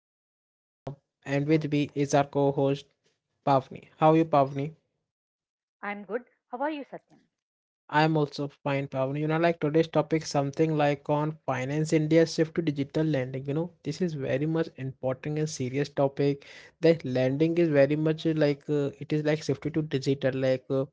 your host Satyam and with me is our co-host Pavni. How are you, Pavni? I'm good. How are you, Satyam? I am also fine, Pavni. You know, like today's topic something like on finance, India shift to digital lending. You know, this is very much important and serious topic. The lending is very much like it is like shifted to digital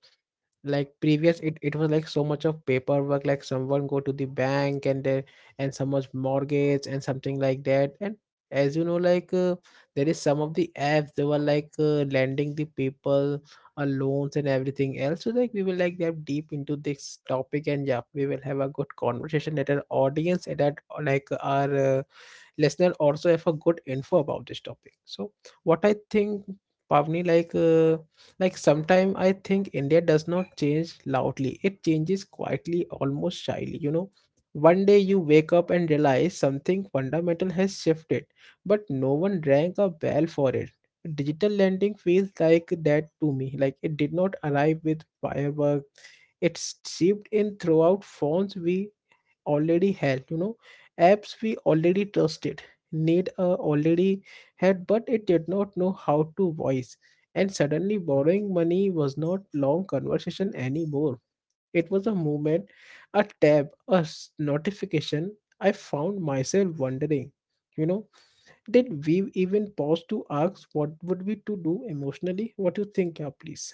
like previous it was like so much of paperwork, like someone go to the bank and there and so much mortgage and something like that, and as you know, there is some of the apps, they were like lending the people loans and everything else. So like we will like dive deep into this topic, and yeah, we will have a good conversation that our audience and that like our listener also have a good info about this topic. So what I think, Pavni, like sometime I think India does not change loudly. It changes quietly, almost shyly, you know. One day you wake up and realize something fundamental has shifted, but no one rang a bell for it. Digital lending feels like that to me. Like it did not arrive with fireworks. It's seeped in throughout phones we already had, you know, apps we already trusted, need already had, but it did not know how to voice. And suddenly borrowing money was not long conversation anymore. It was a moment, a tab, notification. I found myself wondering, you know, did we even pause to ask what would we to do emotionally? What you think, yeah, please?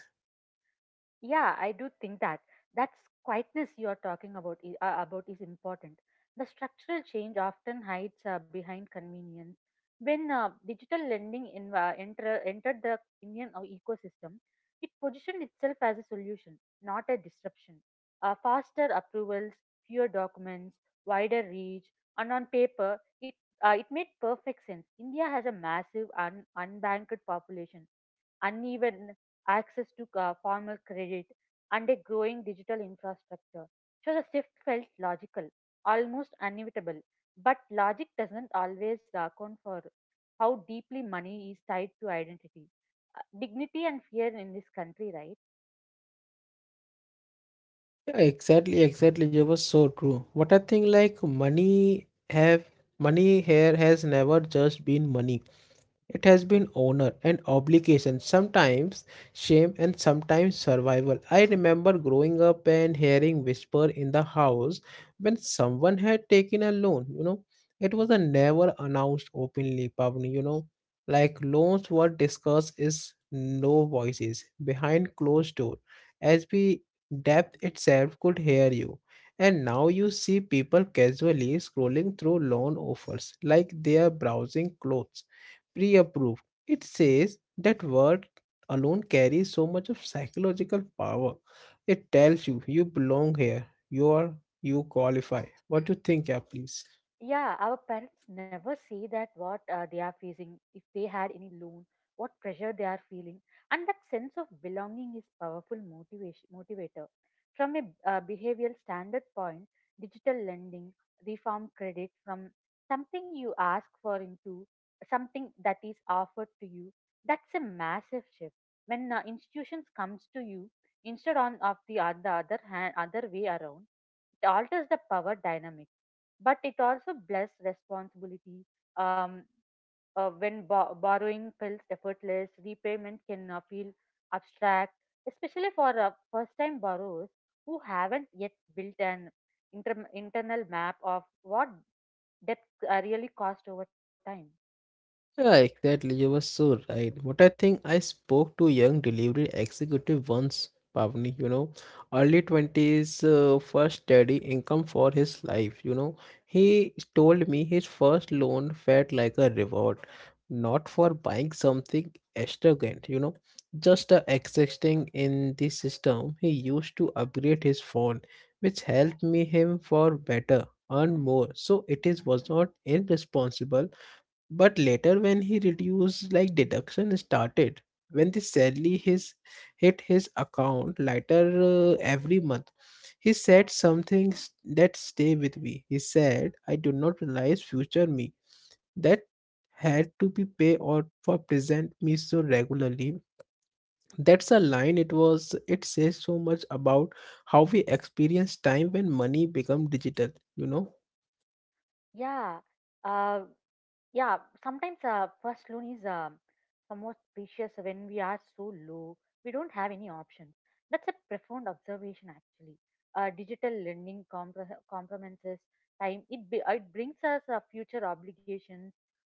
Yeah, I do think that that's quietness you are talking about about is important. The structural change often hides behind convenience. When digital lending entered the Indian ecosystem, it positioned itself as a solution, not a disruption. Faster approvals, fewer documents, wider reach, and on paper, it made perfect sense. India has a massive unbanked population, uneven access to formal credit, and a growing digital infrastructure. So the shift felt logical, almost inevitable. But logic doesn't always account for how deeply money is tied to identity, dignity, and fear in this country, right? Yeah, exactly, exactly. It was so true. What I think, like money here has never just been money. It has been honor and obligation, sometimes shame and sometimes survival. I remember growing up and hearing whisper in the house when someone had taken a loan, you know. It was a never announced openly, Pavni, you know. Like loans were discussed is no voices behind closed door. As we depth itself could hear you. And now you see people casually scrolling through loan offers like they are browsing clothes, pre-approved. It says that word alone carries so much of psychological power. It tells you you belong here. You are you qualify. What do you think, yeah, please? Yeah, our parents never see that what they are facing, if they had any loan, what pressure they are feeling, and that sense of belonging is powerful motivation motivator. From a behavioral standard point, digital lending reform credit from something you ask for into something that is offered to you. That's a massive shift. When institutions comes to you instead on of the, other other hand, other way around. It alters the power dynamic but it also blessed responsibility. Um, when borrowing feels effortless, repayment can feel abstract, especially for first-time borrowers who haven't yet built an internal map of what debt really cost over time. Yeah, exactly. You were so right. But I think I spoke to young delivery executive once, Pavni, you know, early 20s, first steady income for his life, you know. He told me his first loan felt like a reward, not for buying something extravagant, you know, just existing in the system. He used to upgrade his phone, which helped me him for better, earn more. So it is was not irresponsible, but later, when he reduced, like deduction started, when they sadly his hit his account later every month, he said some things that stay with me. He said, "I do not realize future me that had to be pay or for present me so regularly." That's a line. It was. It says so much about how we experience time when money become digital. You know. Yeah, uh, yeah. Sometimes first loan is the most precious when we are so low. We don't have any options. That's a profound observation, actually. Digital lending compromises time. It brings us future obligations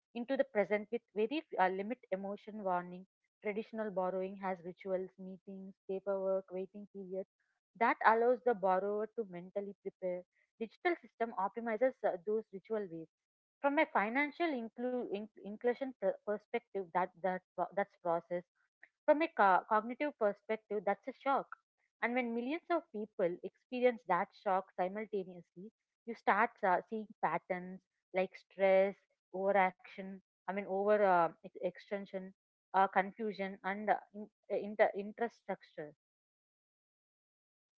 into the present with very limit emotion warning. Traditional borrowing has rituals, meetings, paperwork, waiting periods that allows the borrower to mentally prepare. Digital system optimizes those ritual ways. From a financial inclusion perspective, that's process from a cognitive perspective, that's a shock. And when millions of people experience that shock simultaneously, you start seeing patterns like stress, overaction, I mean, over extension, confusion, and uh, inter- interest.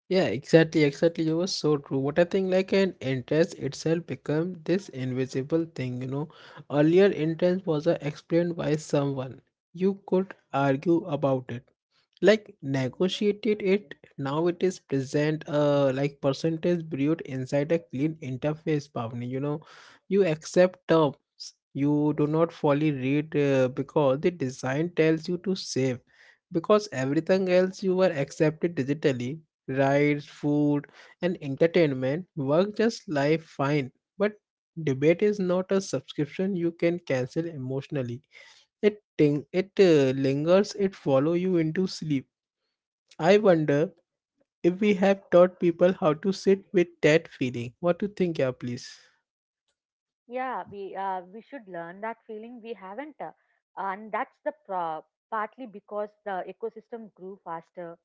Yeah, exactly, exactly. You were so true. What I think, like an interest itself become this invisible thing, you know. Earlier, interest was explained by someone. You could argue about it, like negotiated it. Now it is present, like percentage brewed inside a clean interface. Pavni, you know, you accept terms. You do not fully read because the design tells you to save, because everything else you were accepted digitally, rides, food, and entertainment work just life fine. But debate is not a subscription you can cancel emotionally. It lingers. It follow you into sleep. I wonder if we have taught people how to sit with that feeling. What do you think, yeah, please? Yeah, we should learn that feeling. We haven't, and that's partly because the ecosystem grew faster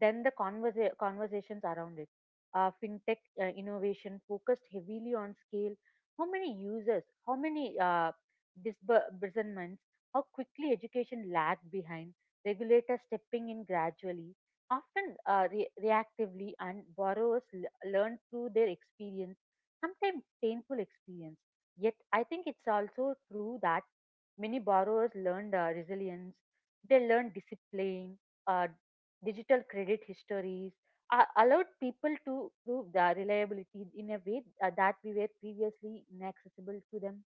than the conversations around it. Fintech innovation focused heavily on scale. How many users? How many disbursements? How quickly education lagged behind. Regulators stepping in gradually, often reactively, and borrowers learn through their experience, sometimes painful experience. Yet, I think it's also true that many borrowers learned resilience, they learned discipline, uh, digital credit histories, allowed people to prove their reliability in a way that we were previously inaccessible to them.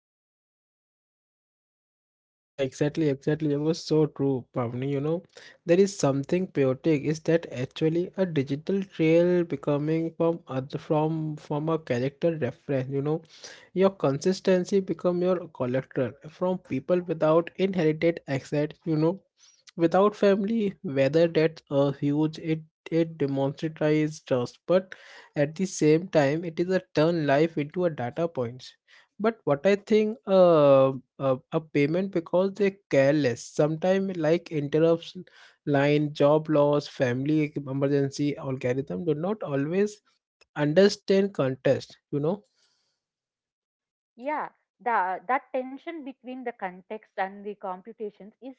Yeah, exactly, exactly. It was so true, Pavni. You know, there is something poetic. Is that actually a digital trail becoming from other from a character reference? You know, your consistency become your collector from people without inherited accent. You know, without family, whether that's a huge it it demonstrates trust, but at the same time, it is a turn life into a data point. But what I think, a payment because they're careless. Sometimes, like interrupts, line, job loss, family emergency, algorithm do not always understand context. You know. Yeah, the that tension between the context and the computations is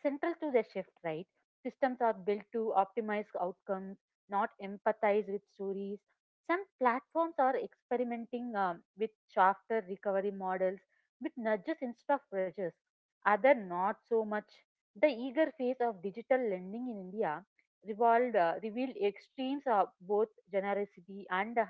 central to the shift, right? Systems are built to optimize outcomes, not empathize with stories. Some platforms are experimenting with shafter recovery models with nudges instead of pressures. Other not so much. The eager phase of digital lending in India revealed extremes of both generosity and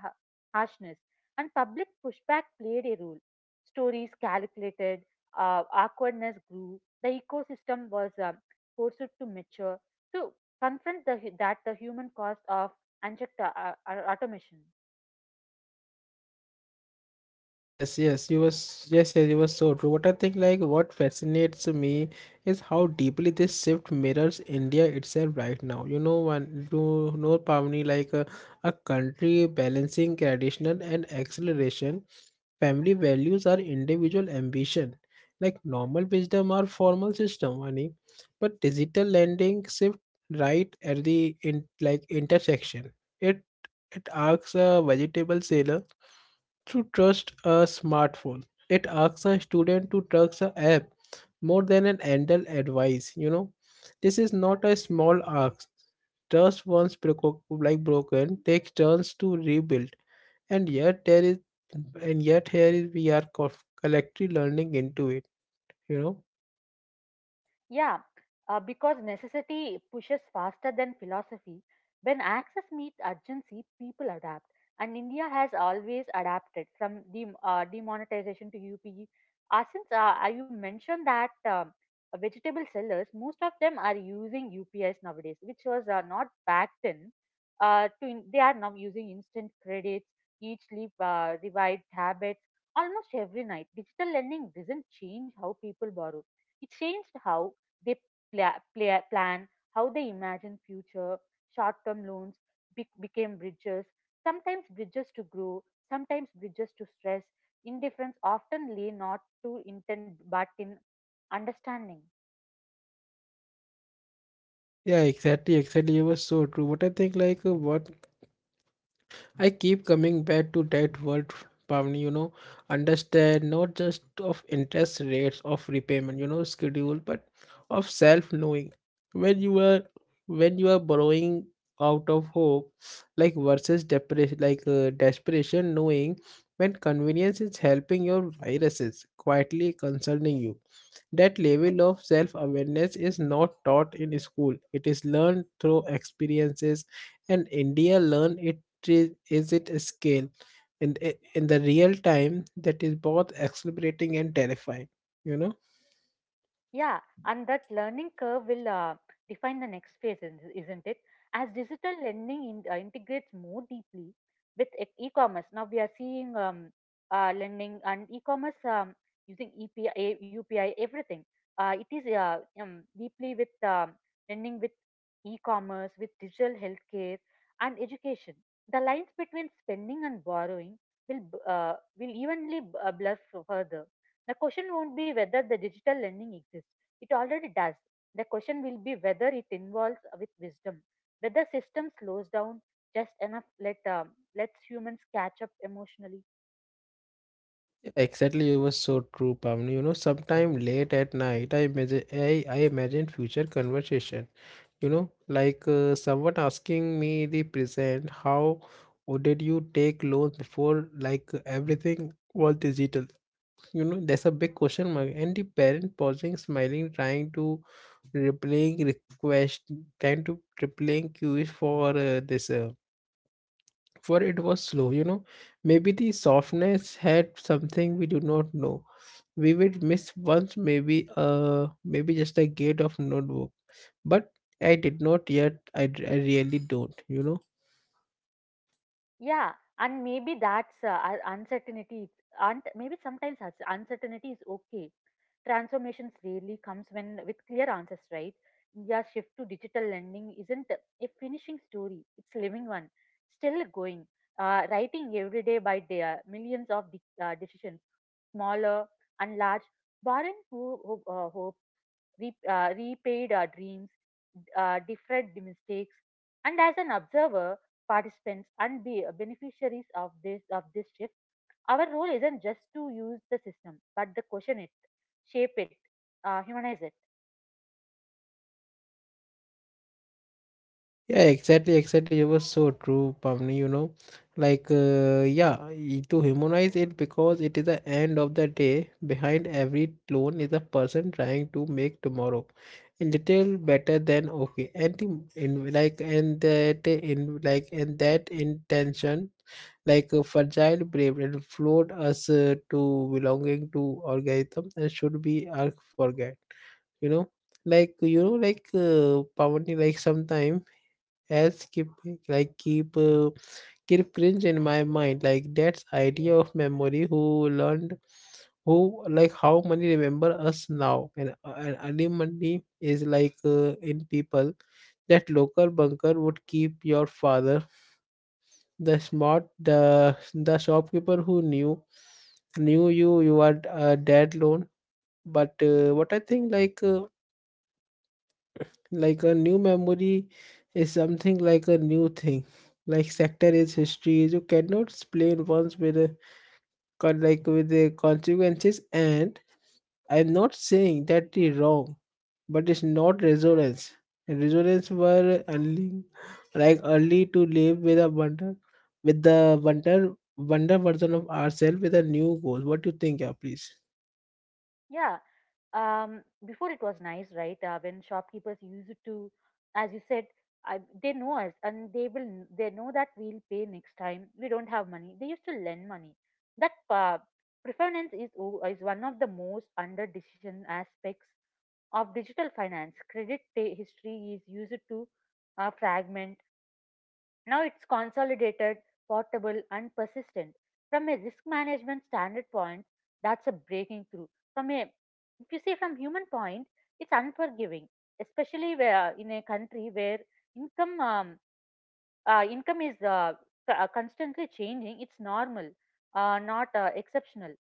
harshness, and public pushback played a role. Stories calculated, awkwardness grew. The ecosystem was forced to mature to confront the hu- that the human cost of inject automation. Yes, yes, you was so true. What I think, like, what fascinates me is how deeply this shift mirrors India itself right now. You know, one, you know, Pavni, like a country balancing tradition and acceleration, family values are individual ambition. Like normal wisdom or formal system, money, but digital lending shift right at the in like intersection. It it asks a vegetable seller to trust a smartphone. It asks a student to trust the app more than an handle advice. You know, this is not a small ask. Trust once broken takes turns to rebuild, and yet there is, and yet here is collectively learning into it. You know. Yeah, because necessity pushes faster than philosophy. When access meets urgency, people adapt. And India has always adapted from the demonetization to UPE. Since you mentioned that vegetable sellers, most of them are using UPIs nowadays, which was not back then. They are now using instant credits, each leap divide habits. Almost every night, digital lending doesn't change how people borrow, it changed how they plan, how they imagine future. Short-term loans became bridges, sometimes bridges to grow, sometimes bridges to stress. Indifference often lay not to intent but in understanding. Yeah, exactly, exactly. It was so true. But I think like what I keep coming back to that word, Pavni, you know, understand not just of interest rates, of repayment, you know, schedule, but of self-knowing. When you are when you are borrowing out of hope, like versus depression, like desperation, knowing when convenience is helping your viruses quietly concerning you, that level of self awareness is not taught in school, it is learned through experiences, and India learn it is it a skill in, in the real time that is both exhilarating and terrifying, you know. Yeah, and that learning curve will define the next phase, isn't it? As digital lending integrates more deeply with e-commerce, now we are seeing lending and e-commerce using EPI, UPI, everything. It is deeply with lending with e-commerce, with digital healthcare and education. The lines between spending and borrowing will evenly blur further. The question won't be whether the digital lending exists, it already does. The question will be whether it involves with wisdom, whether system slows down just enough let lets humans catch up emotionally. Exactly, you were so true, Pamni. You know, sometime late at night, I imagine future conversation. You know, like someone asking me the present, how oh, did you take loans before? Like everything was digital. You know, there's a big question mark, and the parent pausing, smiling, trying to replying request, trying to replying queue for this. For it was slow, you know, maybe the softness had something we do not know we would miss once, maybe maybe just a gate of notebook. But I did not yet I, d- I really don't, you know. Yeah, and maybe that's uncertainty. Maybe sometimes uncertainty is okay. Transformations rarely comes when with clear answers, right? India's shift to digital lending isn't a finishing story; it's living one, still going. Writing every day by day, millions of decisions, smaller and large, barring hopes repaid our dreams, deferred the mistakes, and as an observer, participants, and be beneficiaries of this shift, our role isn't just to use the system, but to question it, shape it, humanize it. Yeah, exactly, exactly. It was so true, Pamni, you know. Like, yeah, to humanize it because it is the end of the day. Behind every clone is a person trying to make tomorrow in detail better than okay. And the, in like and that in like and that intention, like fragile, brave, and flawed us to belonging to organism and should be our forget. You know, you know, like Pamni, like sometimes as keep like keep uh, keep cringe in my mind like that's idea of memory who learned who like how many remember us now and early money is like in people that local bunker would keep your father, the smart the shopkeeper who knew you you are dead loan. But what I think like like a new memory is something like a new thing. Like sector is history. You cannot explain once with a with the consequences. And I'm not saying that is wrong, but it's not resonance. And resonance were early, like early to live with a wonder, with the wonder version of ourselves with a new goal. What do you think, yeah, please? Yeah. Before it was nice, right? When shopkeepers used to, as you said, I, they know us and they will, they know that we'll pay next time. We don't have money. They used to lend money. That preference is, is one of the most under decision aspects of digital finance. Credit history is used to fragment, now it's consolidated, portable, and persistent. From a risk management standard point, that's a breaking through. From a, if you see from human point, it's unforgiving, especially where in a country where income income is constantly changing. It's normal, not exceptional.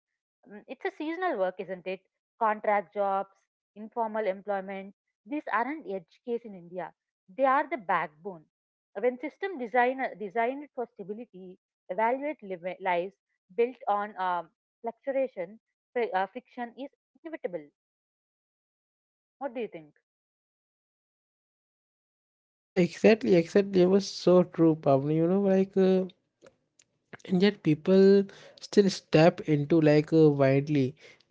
Mm, it's a seasonal work, isn't it? Contract jobs, informal employment. These aren't edge case in India. They are the backbone. When system designer designed for stability, evaluate lives built on fluctuation, friction is inevitable. What do you think? Yeah, exactly, exactly. It was so true, Pavni. You know, like. And yet people still step into like widely,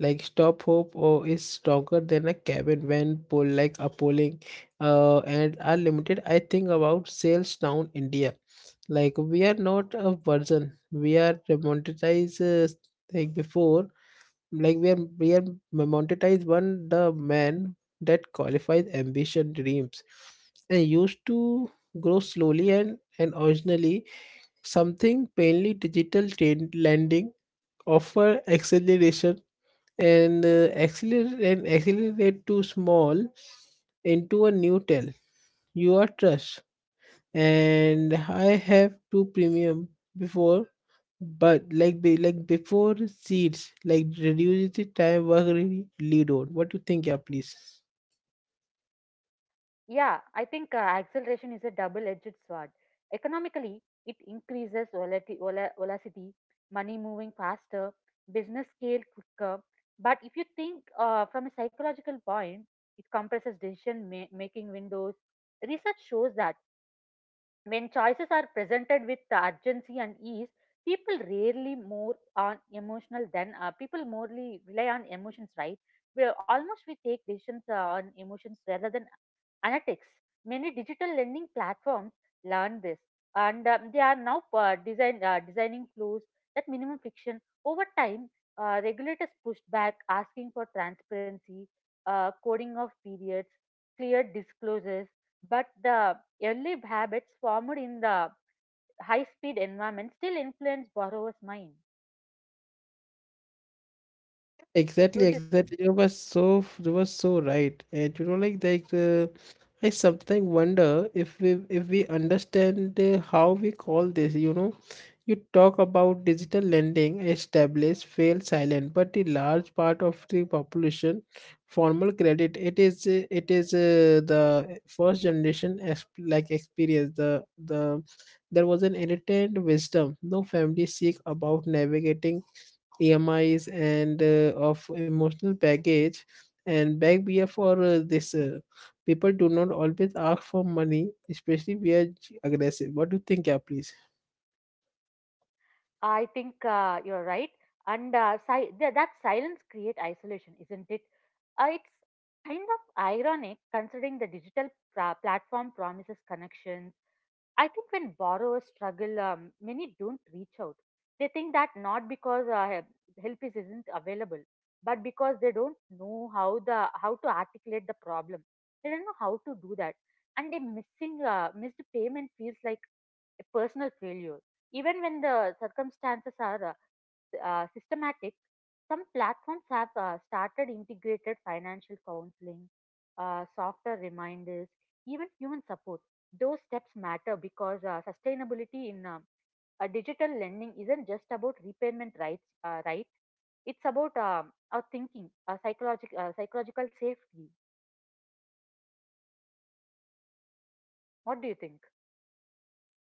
like stop hope or is stronger than a cabin when pull like a polling and are limited. I think about sales down India, like we are not a version, we are monetized like before, like we are monetized one the man that qualifies ambition dreams and used to grow slowly and originally something plainly digital trend lending offer acceleration and accelerate to small into a new tell. You are trust and I have two premium before, but like be, like before seeds like reduce the time work really lead on. What do you think, yeah, please? Yeah, I think acceleration is a double edged sword. Economically, it increases velocity, money moving faster, business scale quicker. But if you think from a psychological point, it compresses decision making windows. Research shows that when choices are presented with urgency and ease, people rarely more on emotional than people morely rely on emotions, right? We are- almost we take decisions on emotions rather than analytics. Many digital lending platforms learn this, and they are now designing flows that minimum friction. Over time, regulators pushed back, asking for transparency, coding of periods, clear disclosures, but the early habits formed in the high speed environment still influence borrower's mind, don't Exactly, you? exactly. You were so right. And you know, like I sometimes wonder if we understand how we call this. You know, you talk about digital lending, established, fail silent, but the large part of the population, formal credit, it is the first generation as like experience. The there was an inherent wisdom no family seek about navigating EMIs and of emotional baggage and back beer for this. People do not always ask for money, especially aggressive. What do you think, yeah, please? I think you're right. And that silence create isolation, isn't it? It's kind of ironic considering the digital platform promises connections. I think when borrowers struggle, many don't reach out. They think that not because help is isn't available, but because they don't know how the how to articulate the problem. They don't know how to do that, and a missing missed payment feels like a personal failure, even when the circumstances are systematic. Some platforms have started integrated financial counseling, software reminders, even human support. Those steps matter because sustainability in digital lending isn't just about repayment rights, right? It's about our thinking, our psychological, psychological safety. What do you think?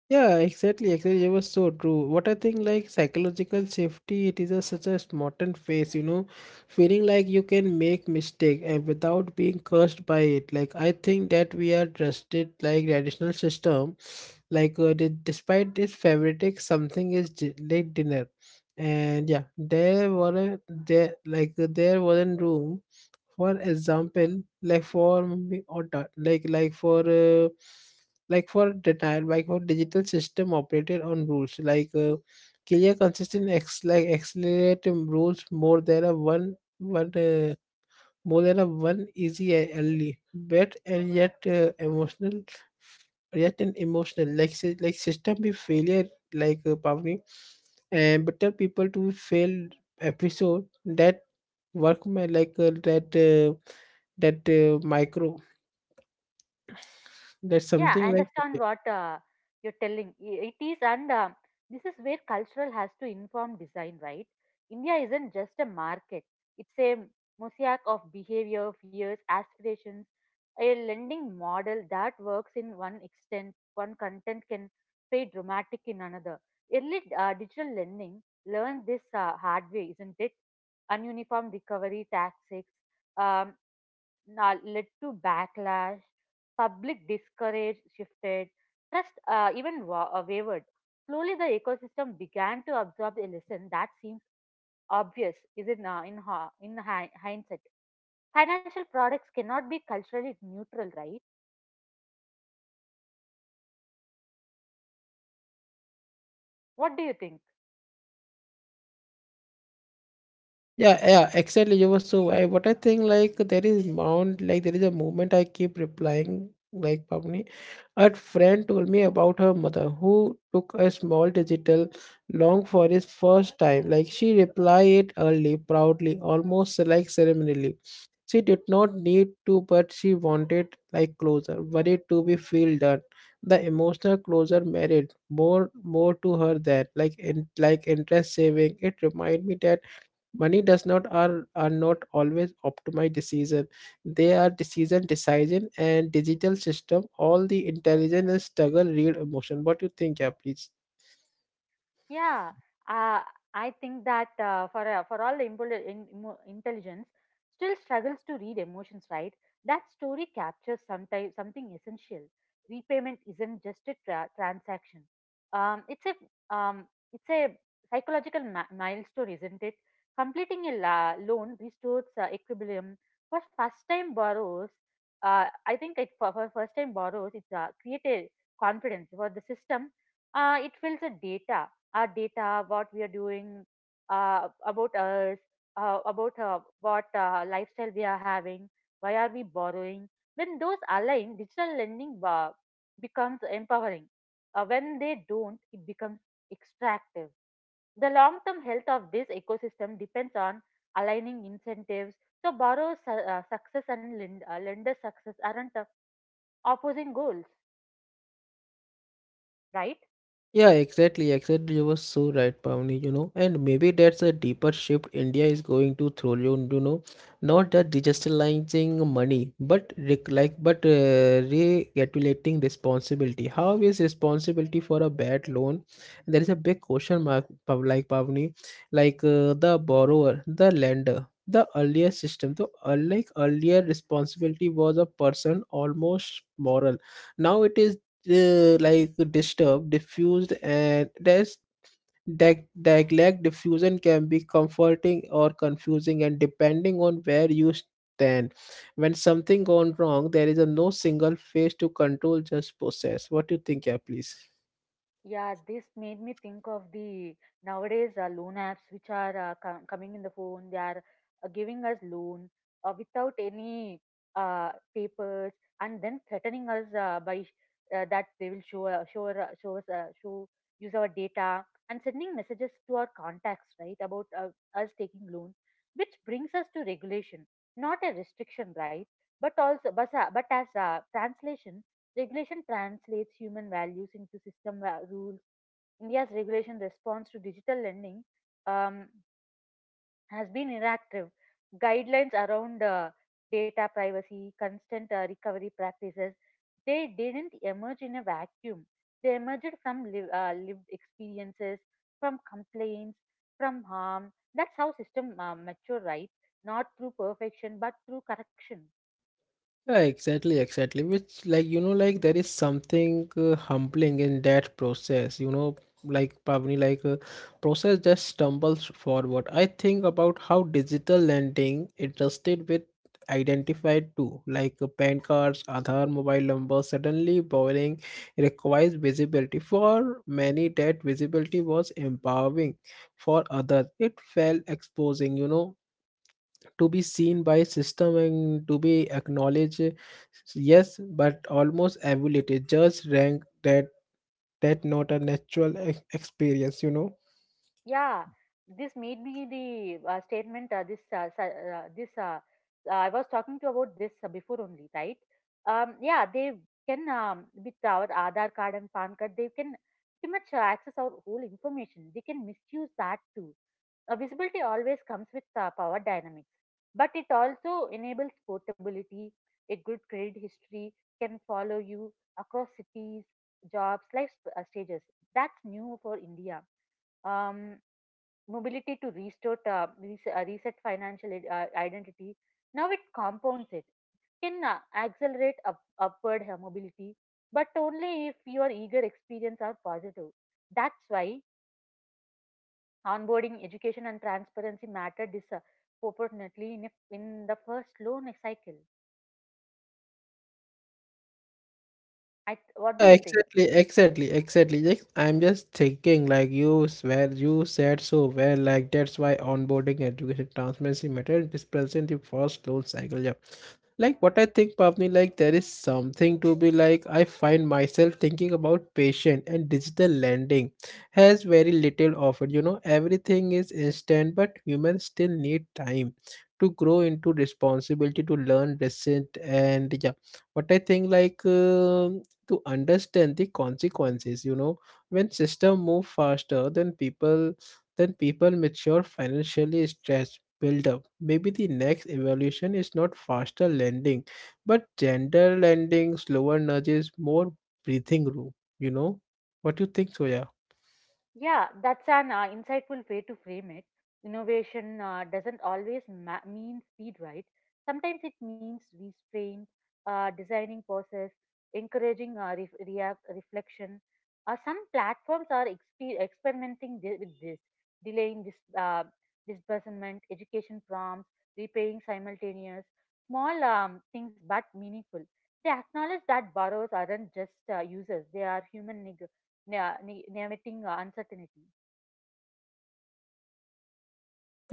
Yeah, exactly, exactly. It was so true. What I think, like psychological safety, it is such a modern phase, you know, feeling like you can make mistake and without being cursed by it. Like I think that we are trusted like traditional system, like despite this favoritic something is late dinner, and yeah, there were there like there wasn't room for example like for maybe auto like for like for denial like for digital system operated on rules like clear consistent ex like accelerate rules more than a one more than a one easy and early bet and yet emotional yet an emotional like like system be failure like Pavni and better people to fail episode that work my like that that micro that's Yeah, something I understand like. what you're telling. It is, and this is where cultural has to inform design, right? India isn't just a market, it's a mosaic of behavior, fears, aspirations. A lending model that works in one extent, one content can fade dramatic in another. Early digital lending learned this hard way, isn't it? Ununiform recovery tactics, um, led to backlash, public discourage shifted, trust wavered. Slowly, the ecosystem began to absorb a lesson that seems obvious, is it now in, ha- in hi- hindsight? Financial products cannot be culturally neutral, right? What do you think? Yeah, yeah, exactly. You were so. What I think, like, there is mount, like, there is a movement I keep replying, like, Pavni. A friend told me about her mother who took a small digital long for his first time. Like, she replied it early, proudly, almost like ceremonially. She did not need to, but she wanted, like, closer, worried to be feel done. The emotional closer married more to her than like in like interest saving. It reminded me that money does not are not always optimize decision. They are decision and digital system all the intelligence and struggle real emotion. What you think? Yeah, please. Yeah, uh, I think that for all the intelligence still struggles to read emotions, right? That story captures sometimes something essential. Repayment isn't just a transaction. Um, it's a um, it's a psychological milestone, isn't it? Completing a loan restores equilibrium for first time borrowers. I think it, For first time borrowers, it's created confidence for the system. It fills the data, our data, what we are doing, about us, about what lifestyle we are having, why are we borrowing. When those align, digital lending becomes empowering. When they don't, it becomes extractive. The long term health of this ecosystem depends on aligning incentives. Borrower's success and lender's success aren't opposing goals, right? Yeah, exactly, exactly. You were so right, Pavni, you know, and maybe that's a deeper shift India is going to throw you, you know, not the digitalizing money, but regulating responsibility. How is responsibility for a bad loan? There is a big question mark, Pavni, like the borrower, the lender. The earlier system, though, unlike earlier, responsibility was a person almost moral. Now it is like disturb, diffused, and that's that dialect diffusion can be comforting or confusing and depending on where you stand. When something gone wrong, there is a no single face to control, just process. What do you think? Yeah, please. Yeah, this made me think of the nowadays loan apps which are coming in the phone. They are giving us loan without any papers, and then threatening us by that they will show use our data and sending messages to our contacts, right? About us taking loan, which brings us to regulation, not a restriction, right? But as a translation. Regulation translates human values into system rules. India's regulation response to digital lending um, has been inactive. Guidelines around data privacy, constant recovery practices, they didn't emerge in a vacuum. They emerged from lived experiences, from complaints, from harm. That's how system mature, right? Not through perfection, but through correction. Yeah, exactly, exactly. Which, like, you know, like there is something humbling in that process, you know, like probably like process that stumbles forward. I think about how digital lending entrusted with identified too, like PAN cards, Aadhaar, mobile numbers, suddenly borrowing requires visibility. For many, that visibility was empowering. For others, it felt exposing, you know, to be seen by system and to be acknowledged, yes, but almost evaluated just rank that that not a natural experience, you know. Yeah, this made me the statement. This sa- this I was talking to about this before only, right? Yeah, they can with our Aadhaar card and PAN card, they can pretty much access our whole information. They can misuse that too. Visibility always comes with power dynamics, but it also enables portability. A good credit history can follow you across cities, jobs, life stages. That's new for India. Um, Mobility to reset financial identity, now it compounds, it can accelerate upward mobility, but only if your eager experience are positive. That's why onboarding, education, and transparency matter disproportionately in the first loan cycle. What do Yeah, you think? exactly, exactly, exactly. Just, I'm just thinking, like you swear, you said so well, like that's why onboarding education transparency matter is present in first loan cycle. Yeah, like what I think, Pavni, like there is something to be like. I find myself thinking about patient and digital lending has very little offered. You know, everything is instant, but humans still need time to grow into responsibility to learn, resent, and yeah, what I think like to understand the consequences, you know, when system move faster then people, then people mature financially stress build up. Maybe the next evolution is not faster lending, but gender lending, slower nudges, more breathing room, you know. What do you think, soya? Yeah, that's an insightful way to frame it. Innovation doesn't always mean speed, right? Sometimes it means restraint, designing process, encouraging reflection. Some platforms are experimenting with this, delaying disbursement, education prompts, repaying simultaneous, small things but meaningful. They acknowledge that borrowers aren't just users, they are human. Limiting uncertainty.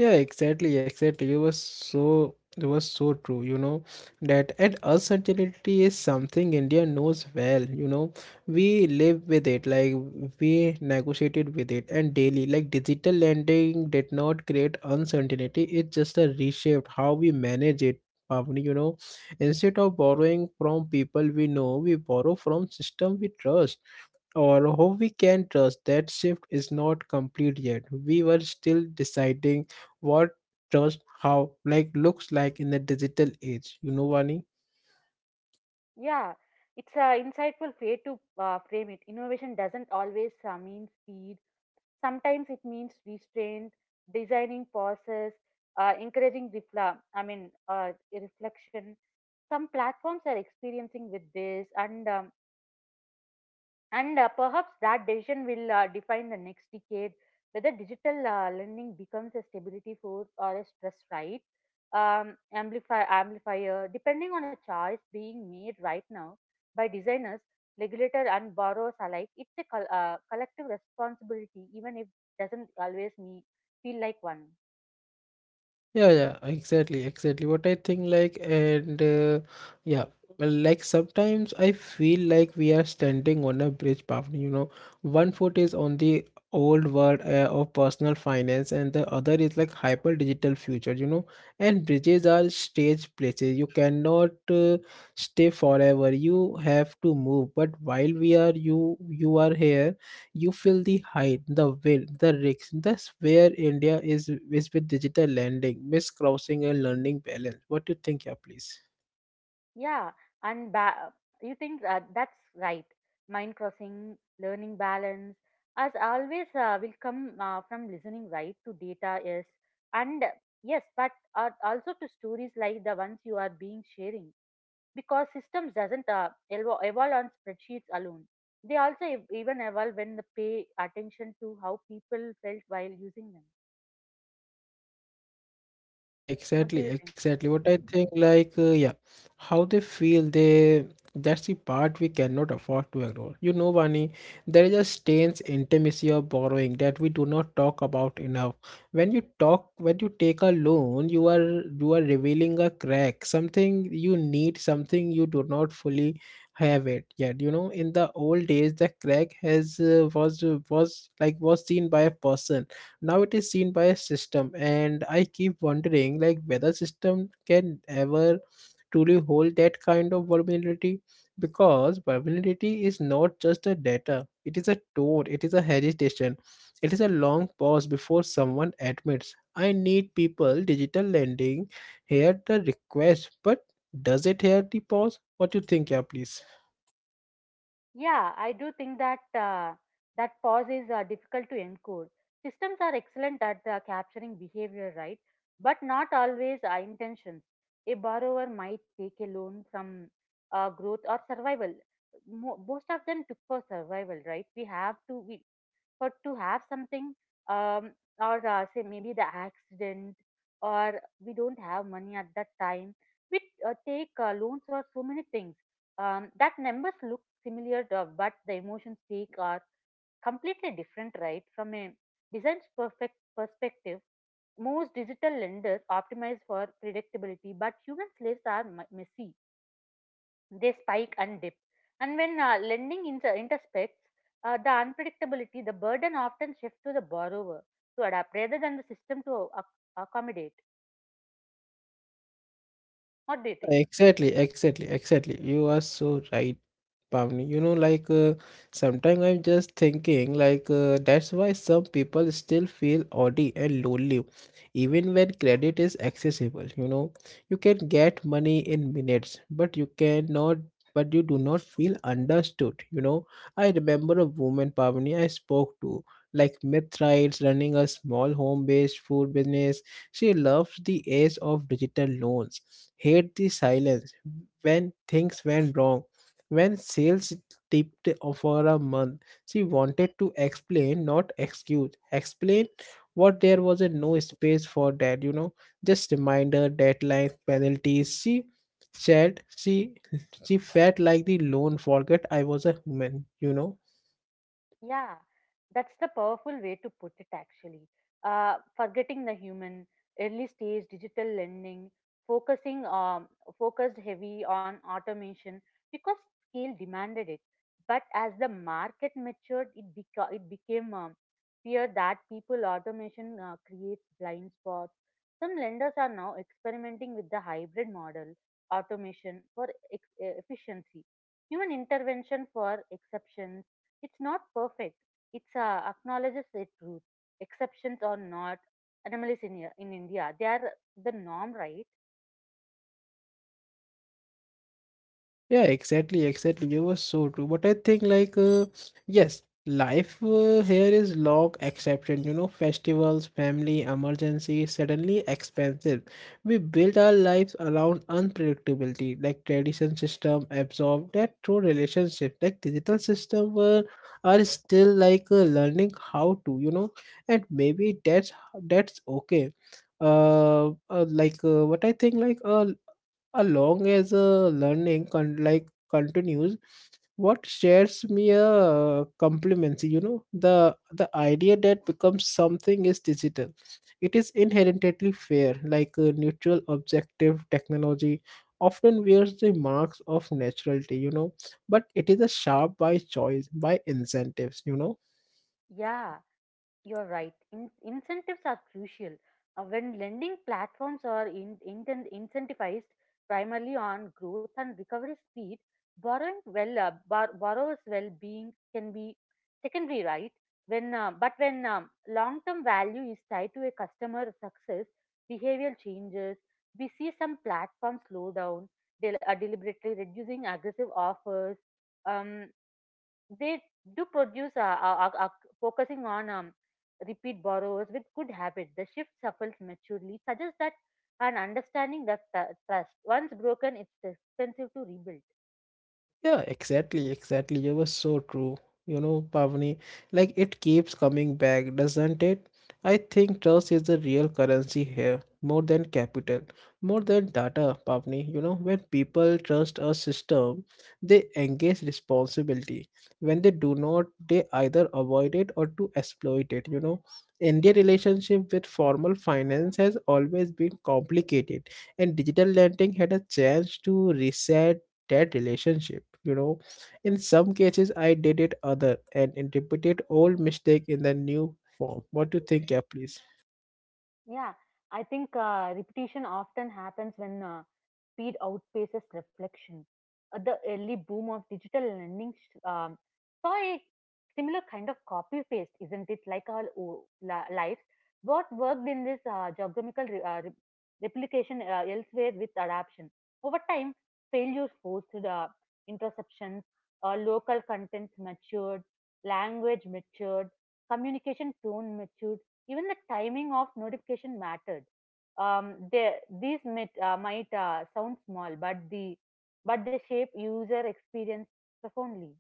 Yeah, exactly, exactly. It was so true, you know, that and uncertainty is something India knows well, you know. We live with it, like we negotiated with it and daily. Like digital lending did not create uncertainty, it just a reshaped how we manage it. Pavni, you know, instead of borrowing from people we know, we borrow from system we trust or who we can trust. That shift is not complete yet. We were still deciding what trust how like looks like in the digital age. You know, Vani? Yeah, it's an insightful way to frame it. Innovation doesn't always mean speed. Sometimes it means restraint, designing pauses, encouraging reflection. Some platforms are experiencing with this, and perhaps that decision will define the next decade, whether digital lending becomes a stability force or a stress, right, amplifier, depending on a choice being made right now by designers, regulators, and borrowers alike. It's a collective responsibility, even if it doesn't always feel like one. Yeah, yeah, exactly, exactly. What I think like and yeah, well, like sometimes I feel like we are standing on a bridge, Pavni, you know. One foot is on the old world of personal finance and the other is like hyper digital future, you know. And bridges are stage places. You cannot stay forever. You have to move. But while we are you are here you feel the height, the will the risks. That's where India is with digital lending miscrossing and learning balance. What do you think? Yeah, please. Yeah, and ba- you think that's right. Mind crossing, learning balance, as always, will come from listening, right, to data, yes, and yes, but also to stories like the ones you are being sharing, because systems doesn't evolve on spreadsheets alone. They also even evolve when they pay attention to how people felt while using them. Yeah, What do exactly, you think? exactly. What I think, like, yeah, how they feel, they that's the part we cannot afford to ignore. You know, Vani, there is a strange intimacy of borrowing that we do not talk about enough. When you talk, when you take a loan, you are revealing a crack, something you need, something you do not fully have it yet. You know, in the old days, the crack has was like was seen by a person. Now it is seen by a system and I keep wondering like whether system can ever truly hold that kind of vulnerability, because vulnerability is not just a data, it is a tone, it is a hesitation, it is a long pause before someone admits I need people. Digital lending hear the request, but does it hear the pause? What do you think? Yeah, please. Yeah, I do think that that pause is difficult to encode. Systems are excellent at capturing behavior, right? But not always intentions. A borrower might take a loan from growth or survival. Most of them took for survival, right? We have to. We for to have something, um, or say maybe the accident, or we don't have money at that time, we take loans or so many things. That numbers look similar but the emotions take are completely different, right? From a design's perfect perspective, most digital lenders optimize for predictability, but human slaves are messy, they spike and dip. And when lending interspects the unpredictability, the burden often shifts to the borrower to adapt rather than the system to accommodate. What do you Yeah, think? exactly, exactly, exactly. You are so right, Pamni. You know, like sometimes I'm just thinking, like that's why some people still feel odd and lonely, even when credit is accessible. You know, you can get money in minutes, but you cannot, but you do not feel understood. You know, I remember a woman, Pamni, I spoke to. Like Mithrites running a small home-based food business, she loves the age of digital loans, hate the silence when things went wrong. When sales dipped for a month, she wanted to explain, not excuse. Explain what there was a no space for that, you know. Just reminder, deadlines, penalties. She said she felt like the lone forget I was a human, you know. Yeah, that's the powerful way to put it actually. Forgetting the human, early stage digital lending, focusing focused heavy on automation because scale demanded it. But as the market matured, it became fear that people automation creates blind spots. Some lenders are now experimenting with the hybrid model, automation for efficiency, human intervention for exceptions. It's not perfect. It's acknowledges the truth. Exceptions are not anomalies in India. They are the norm, right? Yeah, exactly, exactly. You were so true. But I think like yes, life here is long exception. You know, festivals, family, emergencies, suddenly expensive. We build our lives around unpredictability, like tradition system absorb that through relationship, like digital system are still like learning how to, you know, and maybe that's okay. Like what I think like as long as learning like continues what shares me a compliments, you know, the idea that becomes something is digital, it is inherently fair like a neutral objective technology often wears the marks of naturality, you know, but it is a sharp by choice by incentives, you know. Yeah. You're right. Incentives are crucial. When lending platforms are incentivized primarily on growth and recovery speed, borrowers' well-being can be secondary, right? When but when long-term value is tied to a customer success, behavioral changes, we see some platforms slow down, deliberately reducing aggressive offers. Um, they do produce, focusing on repeat borrowers with good habits. The shift shuffles maturely, suggests that an understanding that trust, once broken, it's expensive to rebuild. Yeah, exactly, exactly. You were so true. You know, Pavni, like it keeps coming back, doesn't it? I think trust is the real currency here, more than capital, more than data, Pavni. You know, when people trust a system, they engage responsibility. When they do not, they either avoid it or to exploit it, you know. India relationship with formal finance has always been complicated, and digital lending had a chance to reset that relationship, you know. In some cases I did it, other and interpreted old mistake in the new form. What do you think? Yeah, please. Yeah, I think repetition often happens when speed outpaces reflection. The early boom of digital learning um, saw a similar kind of copy paste, isn't it? Like our lives, what worked in this geographical re- replication elsewhere with adaption. Over time, failures forced interceptions, local contents matured, language matured, communication tone matured, even the timing of notification mattered. um, they, these might sound small, but the shape user experience profoundly.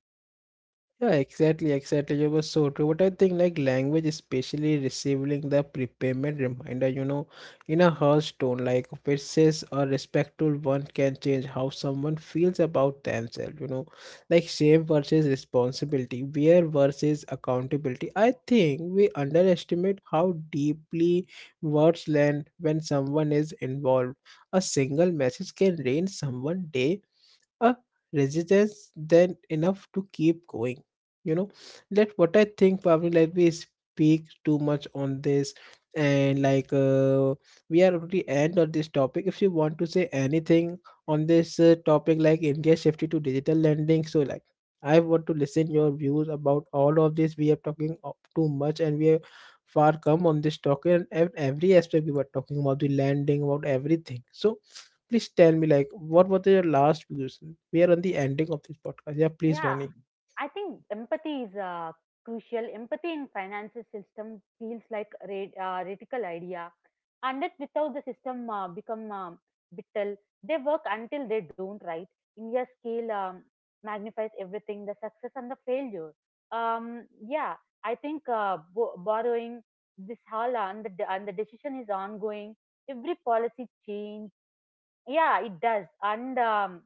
Yeah, exactly, exactly. You were so true. But I think like language, especially receiving the prepayment reminder, you know, in a harsh tone, like if it says a respectful one can change how someone feels about themselves, you know, like shame versus responsibility, fear versus accountability. I think we underestimate how deeply words land when someone is involved. A single message can ruin someone's day, a resistance then enough to keep going, you know. That what I think, probably like we speak too much on this, and like we are at the end of this topic. If you want to say anything on this topic like India's safety to digital lending, so like I want to listen your views about all of this. We are talking of too much and we are far come on this talk, and every aspect we were talking about the landing, about everything. So please tell me, like, what was your last question? We are on the ending of this podcast. Yeah, please, Yeah, Vani. I think empathy is crucial. Empathy in financial system feels like a radical idea, and that without the system become brittle. They work until they don't, right? India's scale magnifies everything: the success and the failure. Yeah, I think borrowing this whole and the decision is ongoing. Every policy change, yeah, it does, and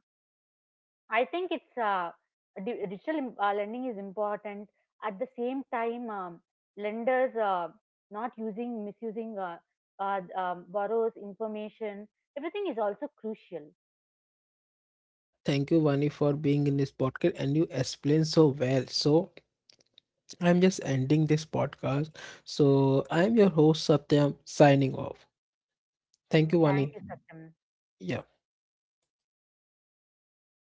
I think it's lending is important. At the same time, lenders not using misusing borrowers' information. Everything is also crucial. Yeah, thank you, Vani, for being in this podcast and you explained so well. So, I'm just ending this podcast. So, I'm your host, Satyam, signing off. Thank you, Thank Vani. you, Satyam. Yeah.